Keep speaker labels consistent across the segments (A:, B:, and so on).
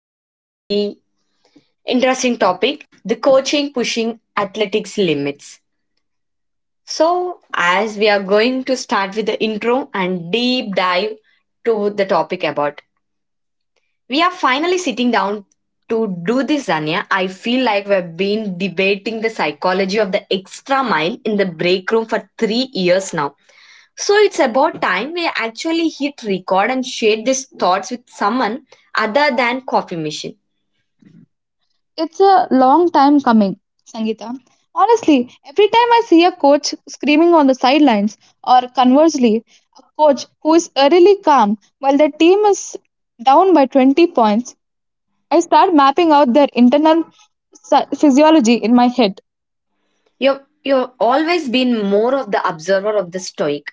A: and very interesting topic the coaching pushing athletics limits. So, as we are going to start with the intro and deep dive to the topic about, we are finally sitting down to do this, Zania. I feel like we've been debating the psychology of the extra mile in the break room for 3 years now, so it's about time we actually hit record and share these thoughts with someone other than coffee machine.
B: It's a long time coming, Sangeeta. Honestly, every time I see a coach screaming on the sidelines, or conversely, a coach who is eerily calm while their team is down by 20 points, I start mapping out their internal physiology in my head.
A: You've always been more of the observer of the stoic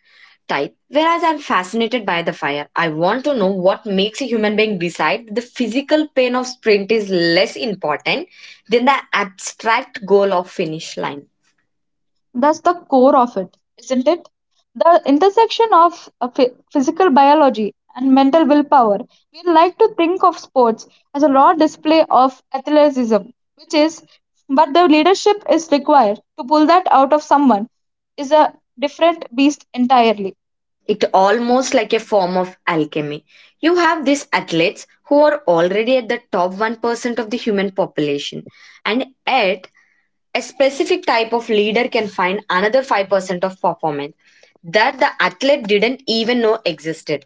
A: type, whereas I'm fascinated by the fire. I want to know what makes a human being decide the physical pain of sprint is less important than the abstract goal of finish line.
B: That's the core of it, isn't it? The intersection of physical biology and mental willpower. We like to think of sports as a raw display of athleticism, which is, but the leadership is required to pull that out of someone is a different beast entirely.
A: It almost like a form of alchemy. You have these athletes who are already at the top 1% of the human population, and yet a specific type of leader can find another 5% of performance that the athlete didn't even know existed.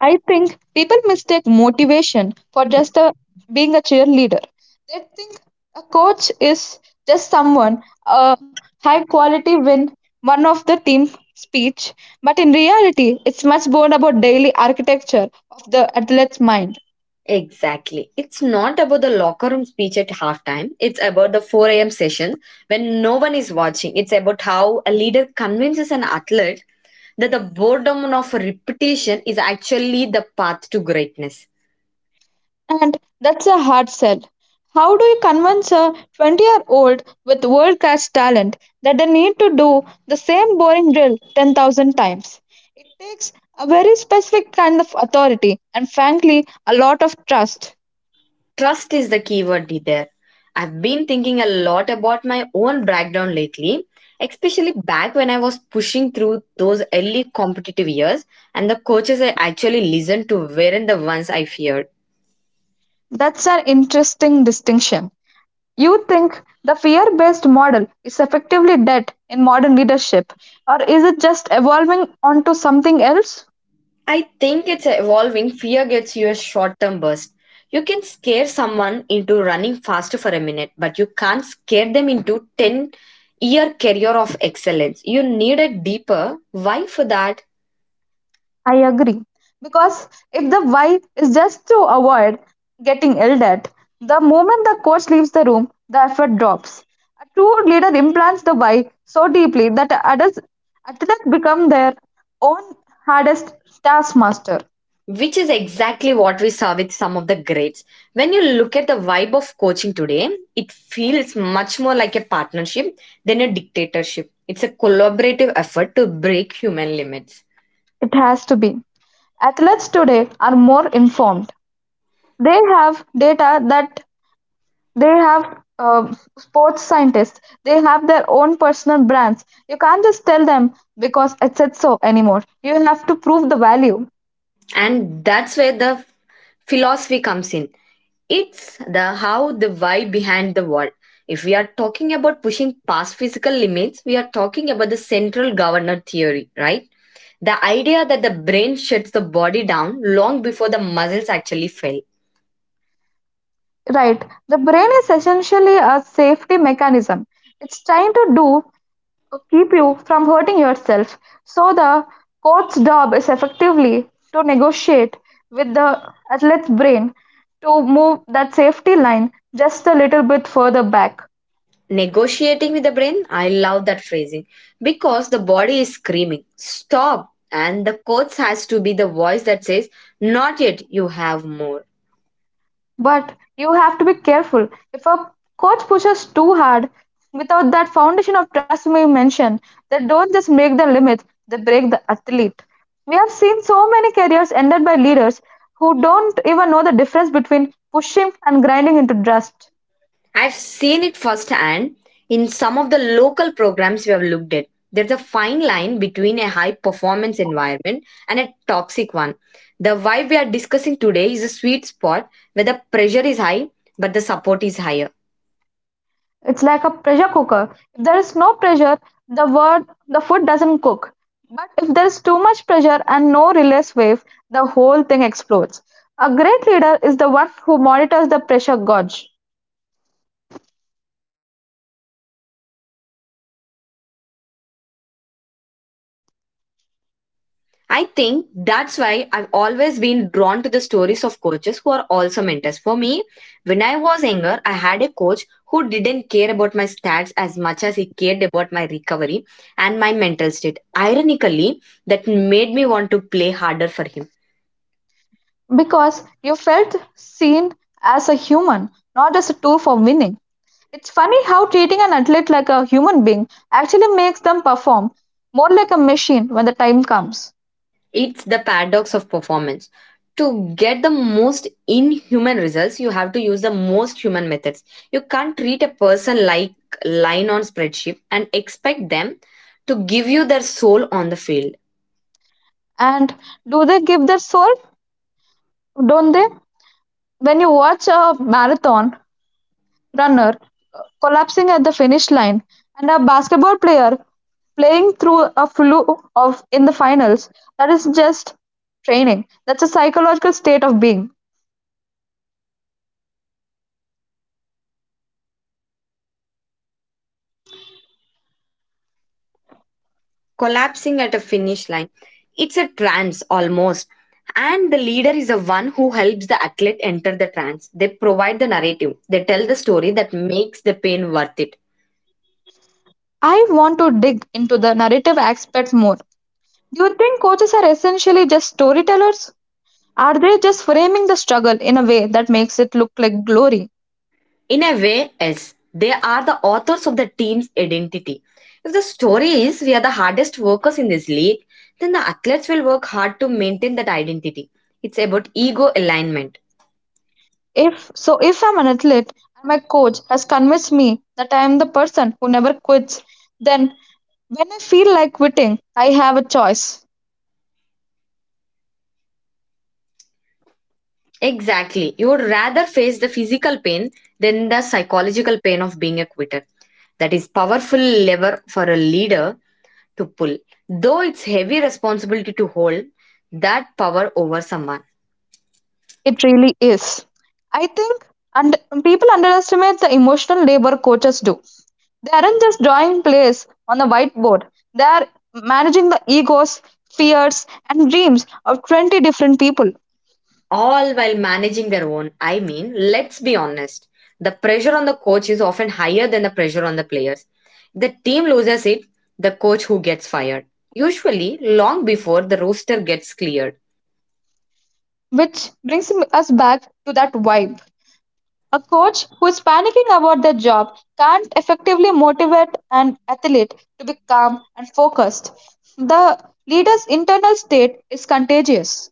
B: I think people mistake motivation for being a cheerleader. They think a coach is just someone, a high quality win, one of the team speech. But in reality, it's much more about daily architecture of the athlete's mind.
A: Exactly, it's not about the locker room speech at halftime. It's about the 4 a.m. session when no one is watching. It's about how a leader convinces an athlete that the boredom of repetition is actually the path to greatness.
B: And that's a hard sell. How do you convince a 20-year-old with world class talent that they need to do the same boring drill 10,000 times? It takes a very specific kind of authority and, frankly, a lot of trust.
A: Trust is the keyword there. I've been thinking a lot about my own background lately, especially back when I was pushing through those early competitive years, and the coaches I actually listened to weren't the ones I feared.
B: That's an interesting distinction. You think the fear based model is effectively dead in modern leadership, or is it just evolving onto something else?
A: I think it's evolving. Fear gets you a short term burst. You can scare someone into running faster for a minute, but you can't scare them into 10-year career of excellence. You need a deeper why for that,
B: I agree. Because if the why is just to avoid getting yelled at, the moment the coach leaves the room, the effort drops. A true leader implants the why so deeply that adults, athletes become their own hardest taskmaster.
A: which is exactly what we saw with some of the greats. When you look at the vibe of coaching today, it feels much more like a partnership than a dictatorship. It's a collaborative effort to break human limits.
B: It has to be. Athletes today are more informed. They have data that They have sports scientists. They have their own personal brands. You can't just tell them because it said so anymore. You have to prove the value.
A: And that's where the philosophy comes in. It's the how, the why behind the what. If we are talking about pushing past physical limits, we are talking about the central governor theory, right? The idea that the brain shuts the body down long before the muscles actually fail.
B: Right. The brain is essentially a safety mechanism. It's trying to do keep you from hurting yourself. So the coach's job is effectively to negotiate with the athlete's brain to move that safety line just a little bit further back.
A: Negotiating with the brain, I love that phrasing, because the body is screaming, stop, and the coach has to be the voice that says, not yet, you have more.
B: But you have to be careful. If a coach pushes too hard without that foundation of trust we mentioned, they don't just break the limit, they break the athlete. We have seen so many careers ended by leaders who don't even know the difference between pushing and grinding into dust.
A: I've seen it firsthand in some of the local programs we have looked at. There's a fine line between a high performance environment and a toxic one. The vibe we are discussing today is a sweet spot where the pressure is high but the support is higher.
B: It's like a pressure cooker. If there is no pressure, the food doesn't cook. But if there is too much pressure and no release wave, the whole thing explodes. A great leader is the one who monitors the pressure gauge.
A: I think that's why I've always been drawn to the stories of coaches who are also mentors. For me, when I was younger, I had a coach who didn't care about my stats as much as he cared about my recovery and my mental state. Ironically, that made me want to play harder for him.
B: Because you felt seen as a human, not as a tool for winning. It's funny how treating an athlete like a human being actually makes them perform more like a machine when the time comes.
A: It's the paradox of performance. To get the most inhuman results, you have to use the most human methods. You can't treat a person like line on spreadsheet and expect them to give you their soul on the field.
B: And do they give their soul? Don't they? When you watch a marathon runner collapsing at the finish line and a basketball player playing through a flu of in the finals, that is just training. That's a psychological state of being.
A: Collapsing at a finish line, it's a trance almost. And the leader is the one who helps the athlete enter the trance. They provide the narrative. They tell the story that makes the pain worth it.
B: I want to dig into the narrative aspect more. Do you think coaches are essentially just storytellers? Are they just framing the struggle in a way that makes it look like glory?
A: In a way, yes, they are the authors of the team's identity. If the story is we are the hardest workers in this league, then the athletes will work hard to maintain that identity. It's about ego alignment.
B: If so, if I'm an athlete and my coach has convinced me that I am the person who never quits, then when I feel like quitting, I have a choice.
A: Exactly. You would rather face the physical pain than the psychological pain of being a quitter. That is powerful lever for a leader to pull. Though it's heavy responsibility to hold that power over someone.
B: It really is. I think and people underestimate the emotional labor coaches do. They aren't just drawing plays on the whiteboard, they are managing the egos, fears, and dreams of 20 different people.
A: All while managing their own. I mean, let's be honest, the pressure on the coach is often higher than the pressure on the players. The team loses it, the coach who gets fired. Usually, long before the roster gets cleared.
B: Which brings us back to that vibe. A coach who is panicking about their job can't effectively motivate an athlete to be calm and focused. The leader's internal state is contagious.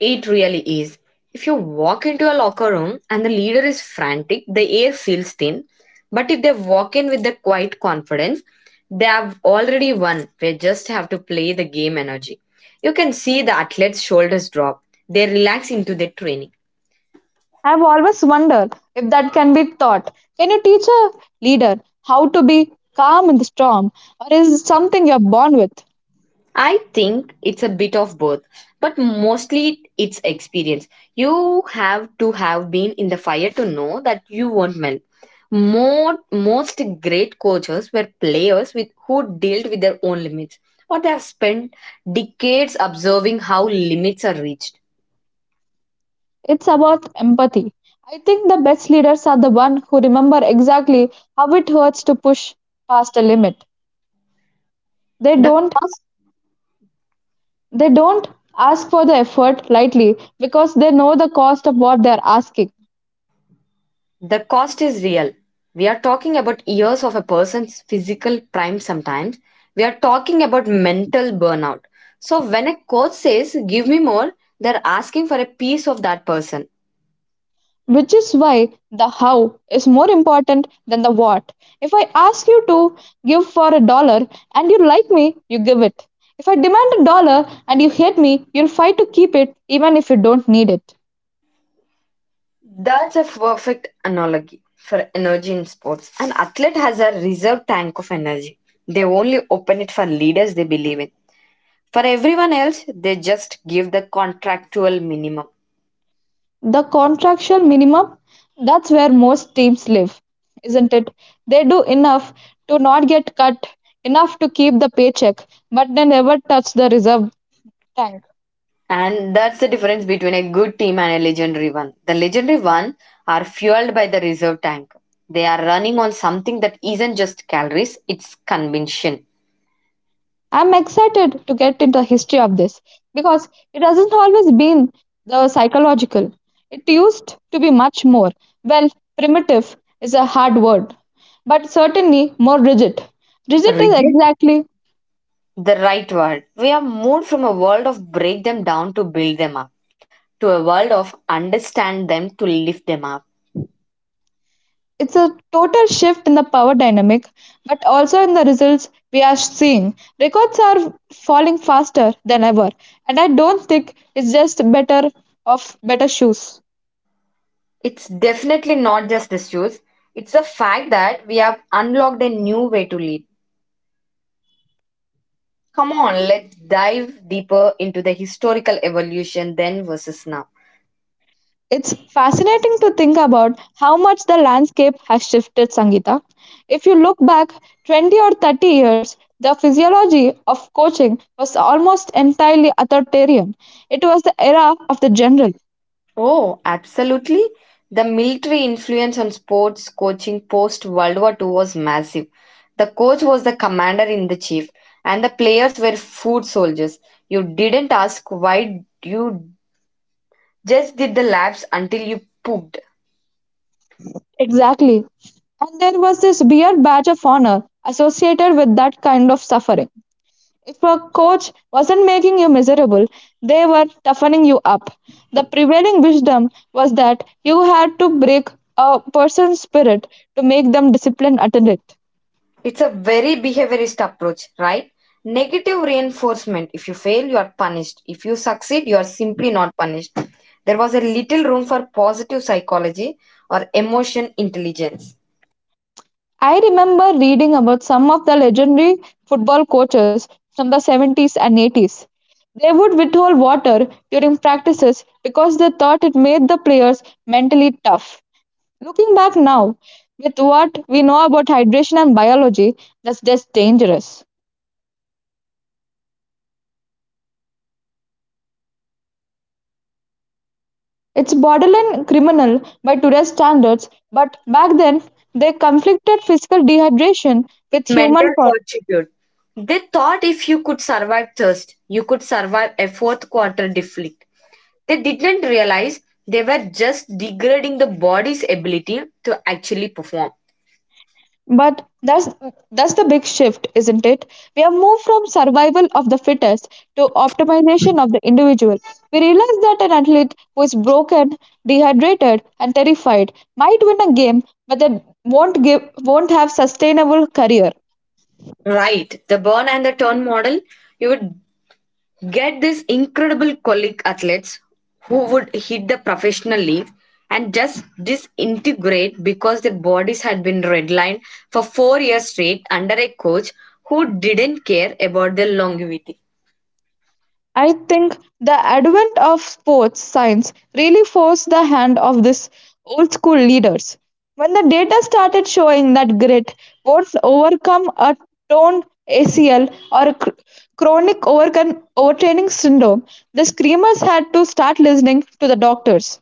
A: It really is. If you walk into a locker room and the leader is frantic, the air feels thin. But if they walk in with the quiet confidence, they have already won. They just have to play the game energy. You can see the athletes' shoulders drop. They relax into their training.
B: I've always wondered if that can be taught. Can you teach a leader how to be calm in the storm, or is it something you're born with?
A: I think it's a bit of both, but mostly it's experience. You have to have been in the fire to know that you won't melt. Most great coaches were players with who dealt with their own limits, or they have spent decades observing how limits are reached.
B: It's about empathy. I think the best leaders are the ones who remember exactly how it hurts to push past a limit. They
A: The
B: don't they don't ask for the effort lightly because they know the cost of what they're asking,
A: The cost is real. We are talking about years of a person's physical prime sometimes. We are talking about mental burnout. So, when a coach says, give me more, they're asking for a piece of that person.
B: which is why the how is more important than the what. If I ask you to give for a dollar and you like me, you give it. If I demand a dollar and you hate me, you'll fight to keep it even if you don't need it.
A: That's a perfect analogy for energy in sports. An athlete has a reserve tank of energy, they only open it for leaders they believe in. For everyone else, they just give the contractual minimum.
B: The contractual minimum, that's where most teams live, isn't it? They do enough to not get cut, enough to keep the paycheck, but they never touch the reserve tank.
A: And that's the difference between a good team and a legendary one. The legendary one are fueled by the reserve tank. They are running on something that isn't just calories, it's conviction.
B: I'm excited to get into the history of this because it hasn't always been the psychological. It used to be much more, well, primitive is a hard word, but certainly more rigid. Rigid is
A: Rigid?
B: exactly.
A: The right word. We have moved from a world of break them down to build them up to a world of understand them to lift them up.
B: It's a total shift in the power dynamic, but also in the results we are seeing. Records are falling faster than ever, and I don't think it's just better shoes.
A: It's definitely not just the shoes, it's the fact that we have unlocked a new way to lead. Come on, let's dive deeper into the historical evolution then versus now.
B: It's fascinating to think about how much the landscape has shifted, Sangeeta. If you look back 20 or 30 years, the physiology of coaching was almost entirely authoritarian. It was the era of the general.
A: Oh, absolutely. The military influence on sports coaching post World War Two was massive. The coach was the commander in the chief, and the players were food soldiers. You didn't ask why, you just did the laps until you pooped.
B: Exactly. And there was this weird badge of honor associated with that kind of suffering. If a coach wasn't making you miserable, they were toughening you up. The prevailing wisdom was that you had to break a person's spirit to make them disciplined at it.
A: It's a very behaviorist approach, right? Negative reinforcement. If you fail, you are punished. If you succeed, you are simply not punished. There was a little room for positive psychology or emotion intelligence.
B: I remember reading about some of the legendary football coaches from the 70s and 80s. They would withhold water during practices because they thought it made the players mentally tough. Looking back now, with what we know about hydration and biology, that's just dangerous. It's borderline criminal by today's standards, but back then they conflicted physical dehydration with
A: Mental fortitude. They thought if you could survive thirst, you could survive a fourth quarter deflect. They didn't realize they were just degrading the body's ability to actually perform.
B: but that's the big shift, isn't it? We have moved from survival of the fittest to optimization of the individual. We realize that an athlete who is broken, dehydrated, and terrified might win a game, but they won't have sustainable career.
A: Right, the burn and the turn model, you would get these incredible colleague athletes who would hit the professional league and just disintegrate because their bodies had been redlined for 4 years straight under a coach who didn't care about their longevity.
B: I think the advent of sports science really forced the hand of these old school leaders. When the data started showing that grit won't overcome a torn ACL or a overtraining syndrome, the screamers had to start listening to the doctors.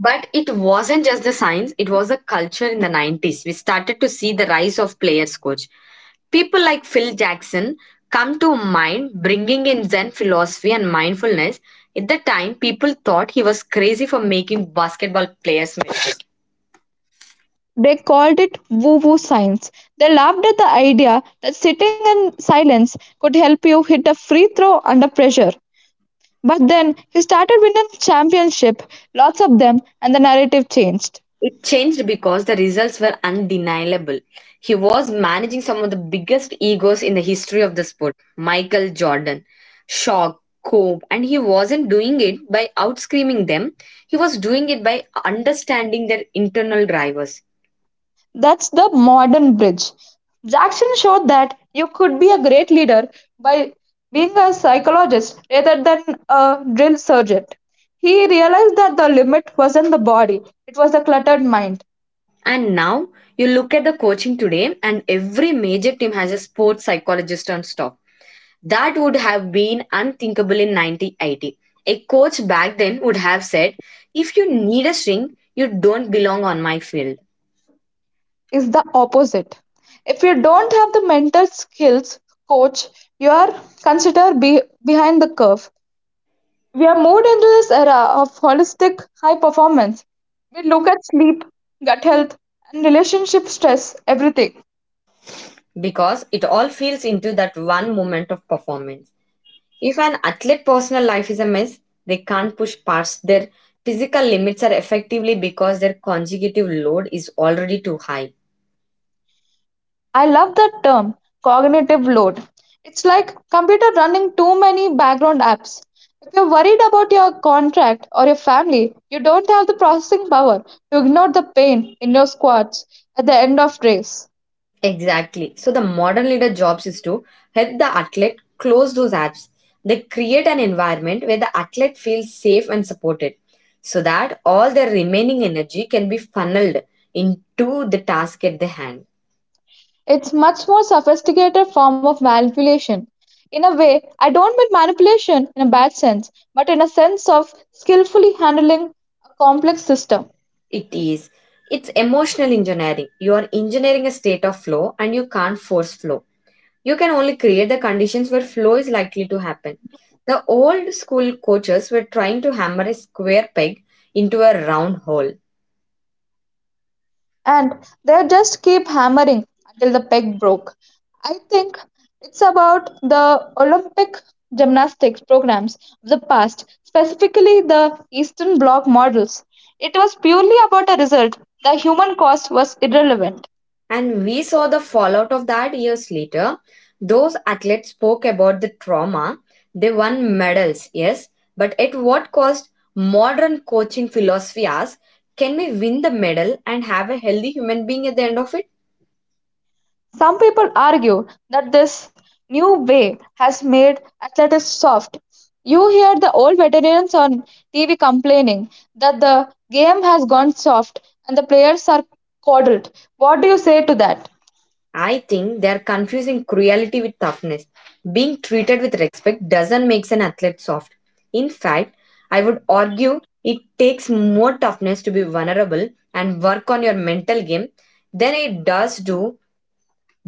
A: But it wasn't just the science, it was the culture in the 90s. We started to see the rise of players coach. People like Phil Jackson come to mind bringing in Zen philosophy and mindfulness. At the time, people thought he was crazy for making basketball players miss.
B: They called it woo woo science. They laughed at the idea that sitting in silence could help you hit a free throw under pressure. But then he started winning the championship, lots of them, and the narrative changed.
A: It changed because the results were undeniable. He was managing some of the biggest egos in the history of the sport Michael Jordan, Shaw, Kobe, and he wasn't doing it by outscreaming them, he was doing it by understanding their internal drivers.
B: That's the modern bridge. Jackson showed that you could be a great leader by being a psychologist rather than a drill sergeant. He realized that the limit wasn't the body, it was the cluttered mind.
A: And now you look at the coaching today, and every major team has a sports psychologist on staff. That would have been unthinkable in 1980. A coach back then would have said, if you need a string, you don't belong on my field.
B: It's the opposite. If you don't have the mental skills coach, you are considered be behind the curve. We have moved into this era of holistic high performance. We look at sleep, gut health, and relationship stress, everything.
A: Because it all feels into that one moment of performance. If an athlete personal life is a mess, they can't push past their physical limits are effectively because their conjugative load is already too high.
B: I love that term, cognitive load. It's like computer running too many background apps. If you're worried about your contract or your family, you don't have the processing power to ignore the pain in your squats at the end of race.
A: Exactly. So the modern leader jobs is to help the athlete close those apps. They create an environment where the athlete feels safe and supported so that all their remaining energy can be funneled into the task at the hand.
B: It's much more sophisticated form of manipulation. In a way, I don't mean manipulation in a bad sense, but in a sense of skillfully handling a complex system.
A: It is. It's emotional engineering. You are engineering a state of flow and you can't force flow. You can only create the conditions where flow is likely to happen. The old school coaches were trying to hammer a square peg into a round hole.
B: And they just keep hammering until the peg broke. I think it's about the Olympic gymnastics programs of the past, specifically the Eastern Bloc models. It was purely about a result. The human cost was irrelevant.
A: And we saw the fallout of that years later. Those athletes spoke about the trauma. They won medals, yes, but at what cost? Modern coaching philosophy asks can we win the medal and have a healthy human being at the end of it?
B: Some people argue that this new way has made athletics soft. You hear the old veterans on TV complaining that the game has gone soft and the players are coddled. What do you say to that?
A: I think they are confusing cruelty with toughness. Being treated with respect doesn't make an athlete soft. In fact, I would argue it takes more toughness to be vulnerable and work on your mental game than it does do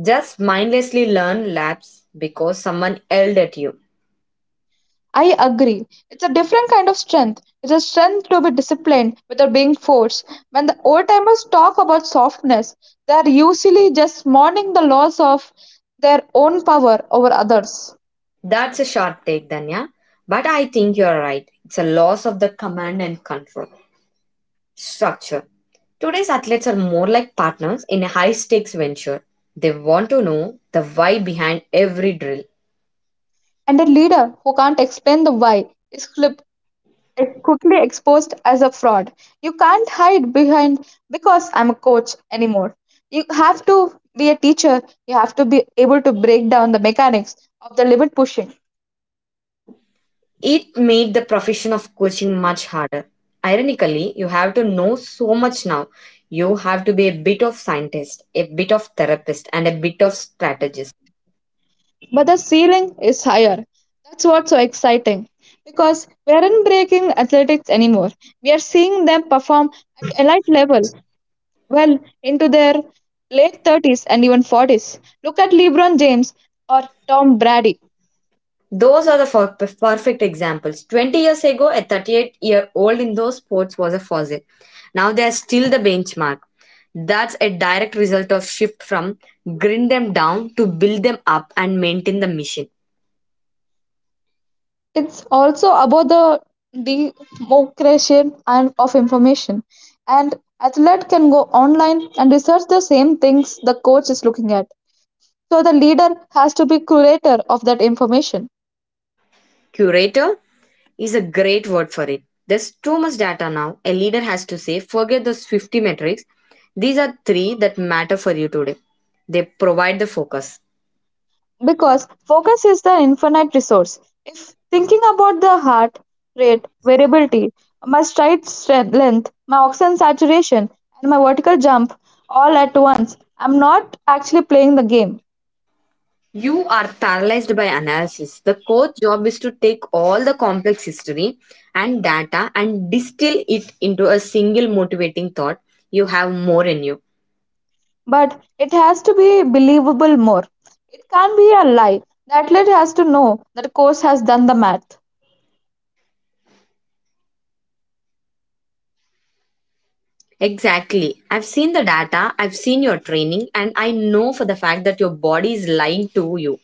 A: just mindlessly learn laps because someone yelled at you.
B: I agree. It's a different kind of strength. It's a strength to be disciplined without being forced. When the old timers talk about softness, they are usually just mourning the loss of their own power over others.
A: That's a sharp take, Danya. But I think you're right. It's a loss of the command and control structure. Today's athletes are more like partners in a high stakes venture. They want to know the why behind every drill.
B: And a leader who can't explain the why is clip- is quickly exposed as a fraud. You can't hide behind because I'm a coach anymore. You have to be a teacher, you have to be able to break down the mechanics of the limit pushing.
A: It made the profession of coaching much harder. Ironically, you have to know so much now. You have to be a bit of scientist, a bit of therapist, and a bit of strategist.
B: But the ceiling is higher. That's what's so exciting because we aren't breaking athletics anymore. We are seeing them perform at elite level well into their late 30s and even 40s. Look at LeBron James or Tom Brady.
A: Those are the for- Perfect examples. 20 years ago, a 38-year-old in those sports was a fossil. Now they are still the benchmark. That's a direct result of shift from grind them down to build them up and maintain the mission.
B: It's also about the democratization and of information. And athlete can go online and research the same things the coach is looking at. So the leader has to be curator of that information.
A: Curator is a great word for it. There's too much data now. A leader has to say, forget those 50 metrics. These are three that matter for you today. They provide the focus.
B: Because focus is the infinite resource. If thinking about the heart rate variability, my length, my oxygen saturation, and my vertical jump all at once, I'm not actually playing the game.
A: You are paralyzed by analysis. The coach job is to take all the complex history and data and distill it into a single motivating thought. You have more in you.
B: But it has to be believable more. It can't be a lie. The athlete has to know that course has done the math.
A: Exactly. I've seen the data, I've seen your training, and I know for the fact that your body is lying to you.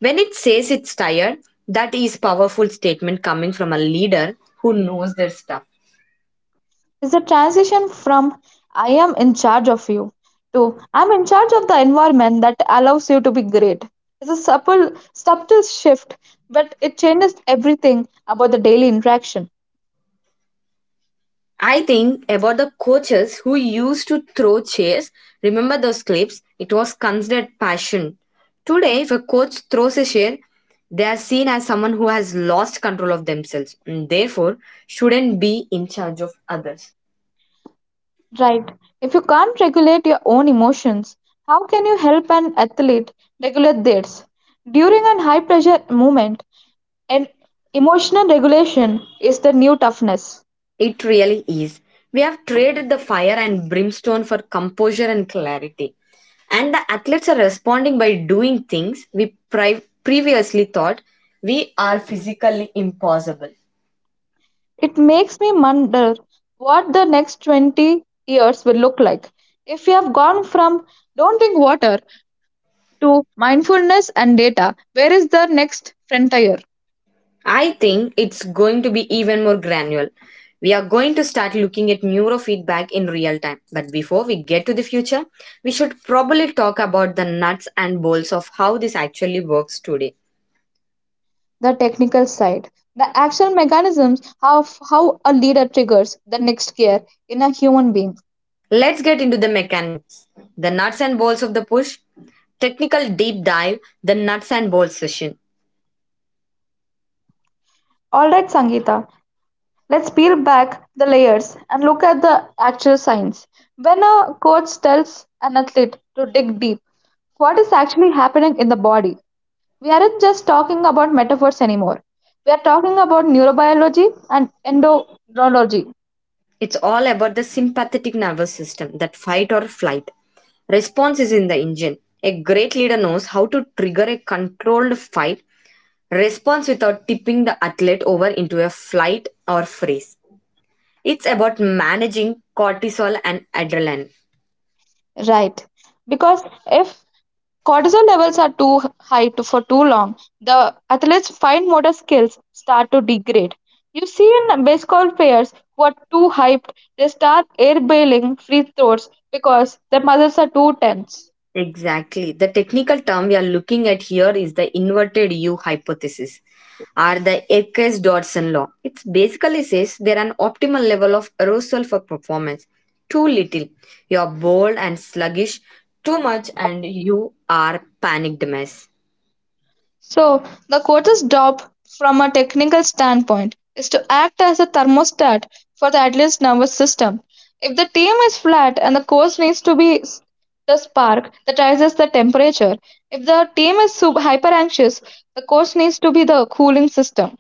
A: When it says it's tired, that is powerful statement coming from a leader who knows their stuff.
B: Is the transition from I am in charge of you to I'm in charge of the environment that allows you to be great. It's a subtle shift, but it changes everything about the daily interaction.
A: I think about the coaches who used to throw chairs. Remember those clips? It was considered passion. Today, if a coach throws a chair, they are seen as someone who has lost control of themselves and therefore shouldn't be in charge of others.
B: Right. If you can't regulate your own emotions, how can you help an athlete regulate theirs? During a high pressure moment, an emotional regulation is the new toughness.
A: It really is. We have traded the fire and brimstone for composure and clarity. And the athletes are responding by doing things we previously thought we are physically impossible.
B: It makes me wonder what the next 20 years will look like. If we have gone from don't drink water to mindfulness and data, where is the next frontier?
A: I think it's going to be even more granular. We are going to start looking at neurofeedback in real time. But before we get to the future, we should probably talk about the nuts and bolts of how this actually works today.
B: The technical side. The action mechanisms of how a leader triggers the next gear in a human being.
A: Let's get into the mechanics. The nuts and bolts of the push, technical deep dive, the nuts and bolts session.
B: Alright, Sangeeta, let's peel back the layers and look at the actual science. When a coach tells an athlete to dig deep, what is actually happening in the body? We aren't just talking about metaphors anymore. We are talking about neurobiology and endocrinology.
A: It's all about the sympathetic nervous system, that fight or flight. Response is in the engine. A great leader knows how to trigger a controlled fight Response without tipping the athlete over into a flight or freeze. It's about managing cortisol and adrenaline.
B: Right. Because if cortisol levels are too high to, for too long, the athlete's fine motor skills start to degrade. You see in baseball players who are too hyped, they start air bailing free throws because their muscles are too tense.
A: Exactly. The technical term we are looking at here is the inverted U hypothesis or the Eckes Dodson law. It basically says there an optimal level of arousal for performance. Too little, you are bold and sluggish. Too much, and you are panicked mess.
B: So, the coach's job, from a technical standpoint, is to act as a thermostat for the athlete's nervous system. If the team is flat and the coach needs to be the spark that rises the temperature, if the team is super hyper anxious, the coach needs to be the cooling system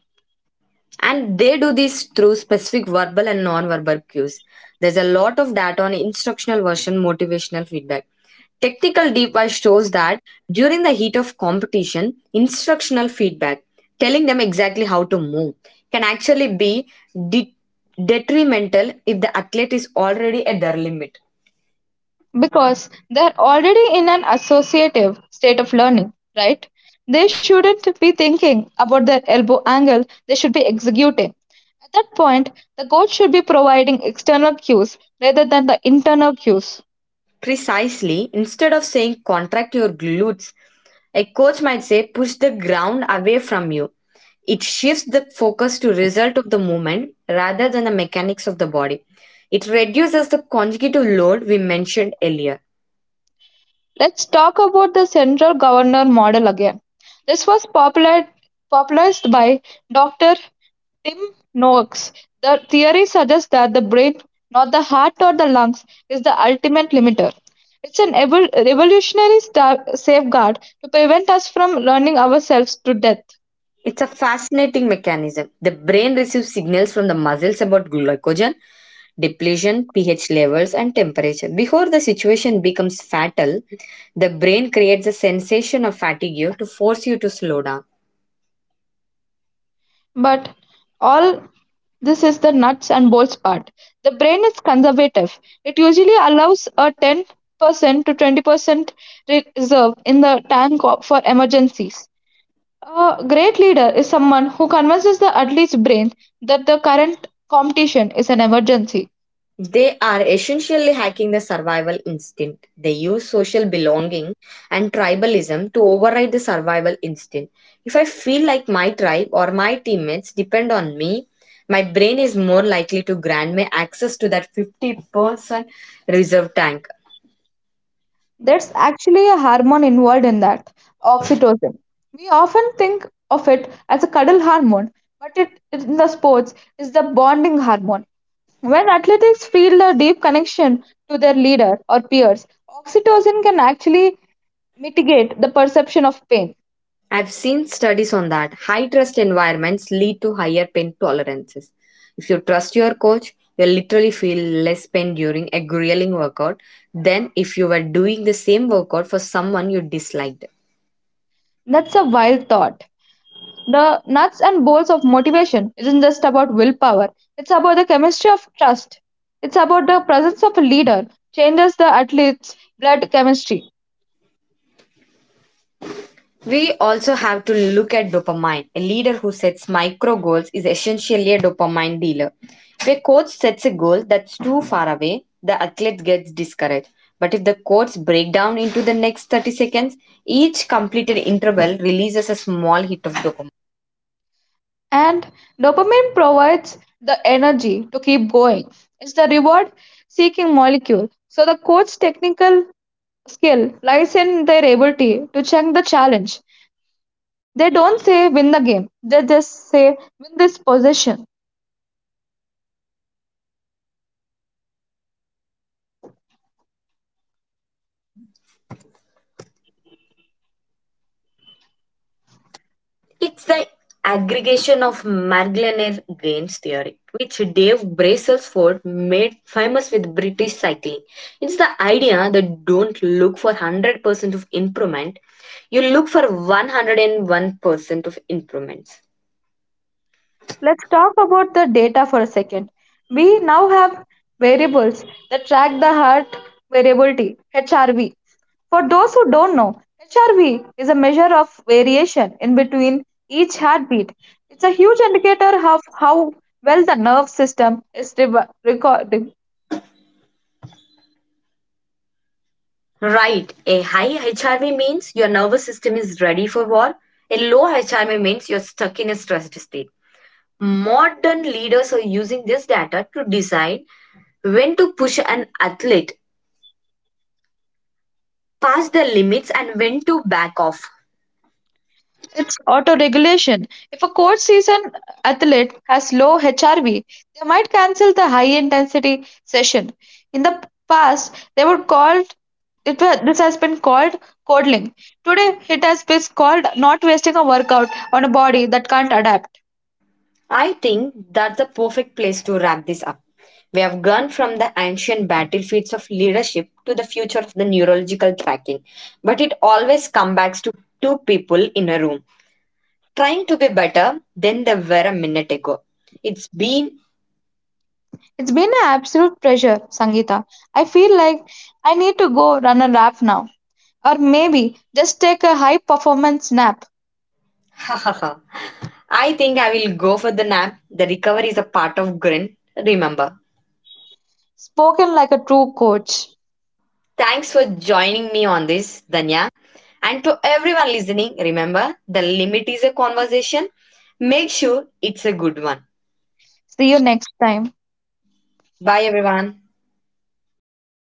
A: And they do this through specific verbal and non-verbal cues. There's a lot of data on instructional version motivational feedback. Technical deep dive shows that during the heat of competition, instructional feedback telling them exactly how to move can actually be de- detrimental if the athlete is already at their limit.
B: because they're already in an associative state of learning, right? They shouldn't be thinking about their elbow angle, they should be executing. At that point, the coach should be providing external cues rather than the internal cues.
A: Precisely, instead of saying contract your glutes, a coach might say, push the ground away from you. It shifts the focus to result of the movement rather than the mechanics of the body. It reduces the conjugative load we mentioned earlier.
B: Let's talk about the central governor model again. This was popularized by Dr. Tim Noakes. The theory suggests that the brain, not the heart or the lungs, is the ultimate limiter. It's an revolutionary safeguard to prevent us from learning ourselves to death.
A: It's a fascinating mechanism. The brain receives signals from the muscles about glycogen, depletion, pH levels, and temperature. Before the situation becomes fatal, the brain creates a sensation of fatigue to force you to slow down.
B: But all this is the nuts and bolts part. The brain is conservative. It usually allows a 10% to 20% reserve in the tank for emergencies. A great leader is someone who convinces the athlete's brain that the current competition is an emergency.
A: They are essentially hacking the survival instinct. They use social belonging and tribalism to override the survival instinct. If I feel like my tribe or my teammates depend on me, my brain is more likely to grant me access to that 50% reserve tank.
B: There's actually a hormone involved in that, oxytocin. We often think of it as a cuddle hormone, but it in the sports is the bonding hormone. When athletes feel a deep connection to their leader or peers, oxytocin can actually mitigate the perception of pain.
A: I've seen studies on that. High trust environments lead to higher pain tolerances. If you trust your coach, you'll literally feel less pain during a grueling workout than if you were doing the same workout for someone you disliked.
B: That's a wild thought. The nuts and bolts of motivation isn't just about willpower, it's about the chemistry of trust. It's about the presence of a leader, changes the athlete's blood chemistry.
A: We also have to look at dopamine. A leader who sets micro goals is essentially a dopamine dealer. If a coach sets a goal that's too far away, the athlete gets discouraged. But if the codes break down into the next 30 seconds, each completed interval releases a small hit of dopamine.
B: And dopamine provides the energy to keep going. It's the reward seeking molecule. So, the coach's technical skill lies in their ability to check the challenge. They don't say win the game, they just say win this possession.
A: It's the aggregation of Marglener Gains theory, which Dave Brailsford made famous with British cycling. It's the idea that don't look for 100% of improvement, you look for 101% of improvements.
B: Let's talk about the data for a second. We now have variables that track the heart variability, HRV. For those who don't know, HRV is a measure of variation in between each heartbeat. It's a huge indicator of how well the nerve system is
A: Right, a high HRV means your nervous system is ready for war, a low HRV means you're stuck in a stressed state. Modern leaders are using this data to decide when to push an athlete past the limits and when to back off.
B: It's auto-regulation. If a coach sees an athlete has low HRV, they might cancel the high-intensity session. In the past, they were this has been called coddling. Today, it has been called not wasting a workout on a body that can't adapt.
A: I think that's the perfect place to wrap this up. We have gone from the ancient battlefields of leadership to the future of the neurological tracking, but it always comes back to two people in a room trying to be better than they were a minute ago. It's been
B: It's been an absolute pleasure, Sangeeta. I feel like I need to go run a lap now, or maybe just take a high performance nap.
A: ha ha ha. I think I will go for the nap. The recovery is a part of grin. Remember.
B: Spoken like a true coach.
A: Thanks for joining me on this, Danya. And to everyone listening, remember the limit is a conversation. Make sure it's a good one.
B: See you next time.
A: Bye, everyone.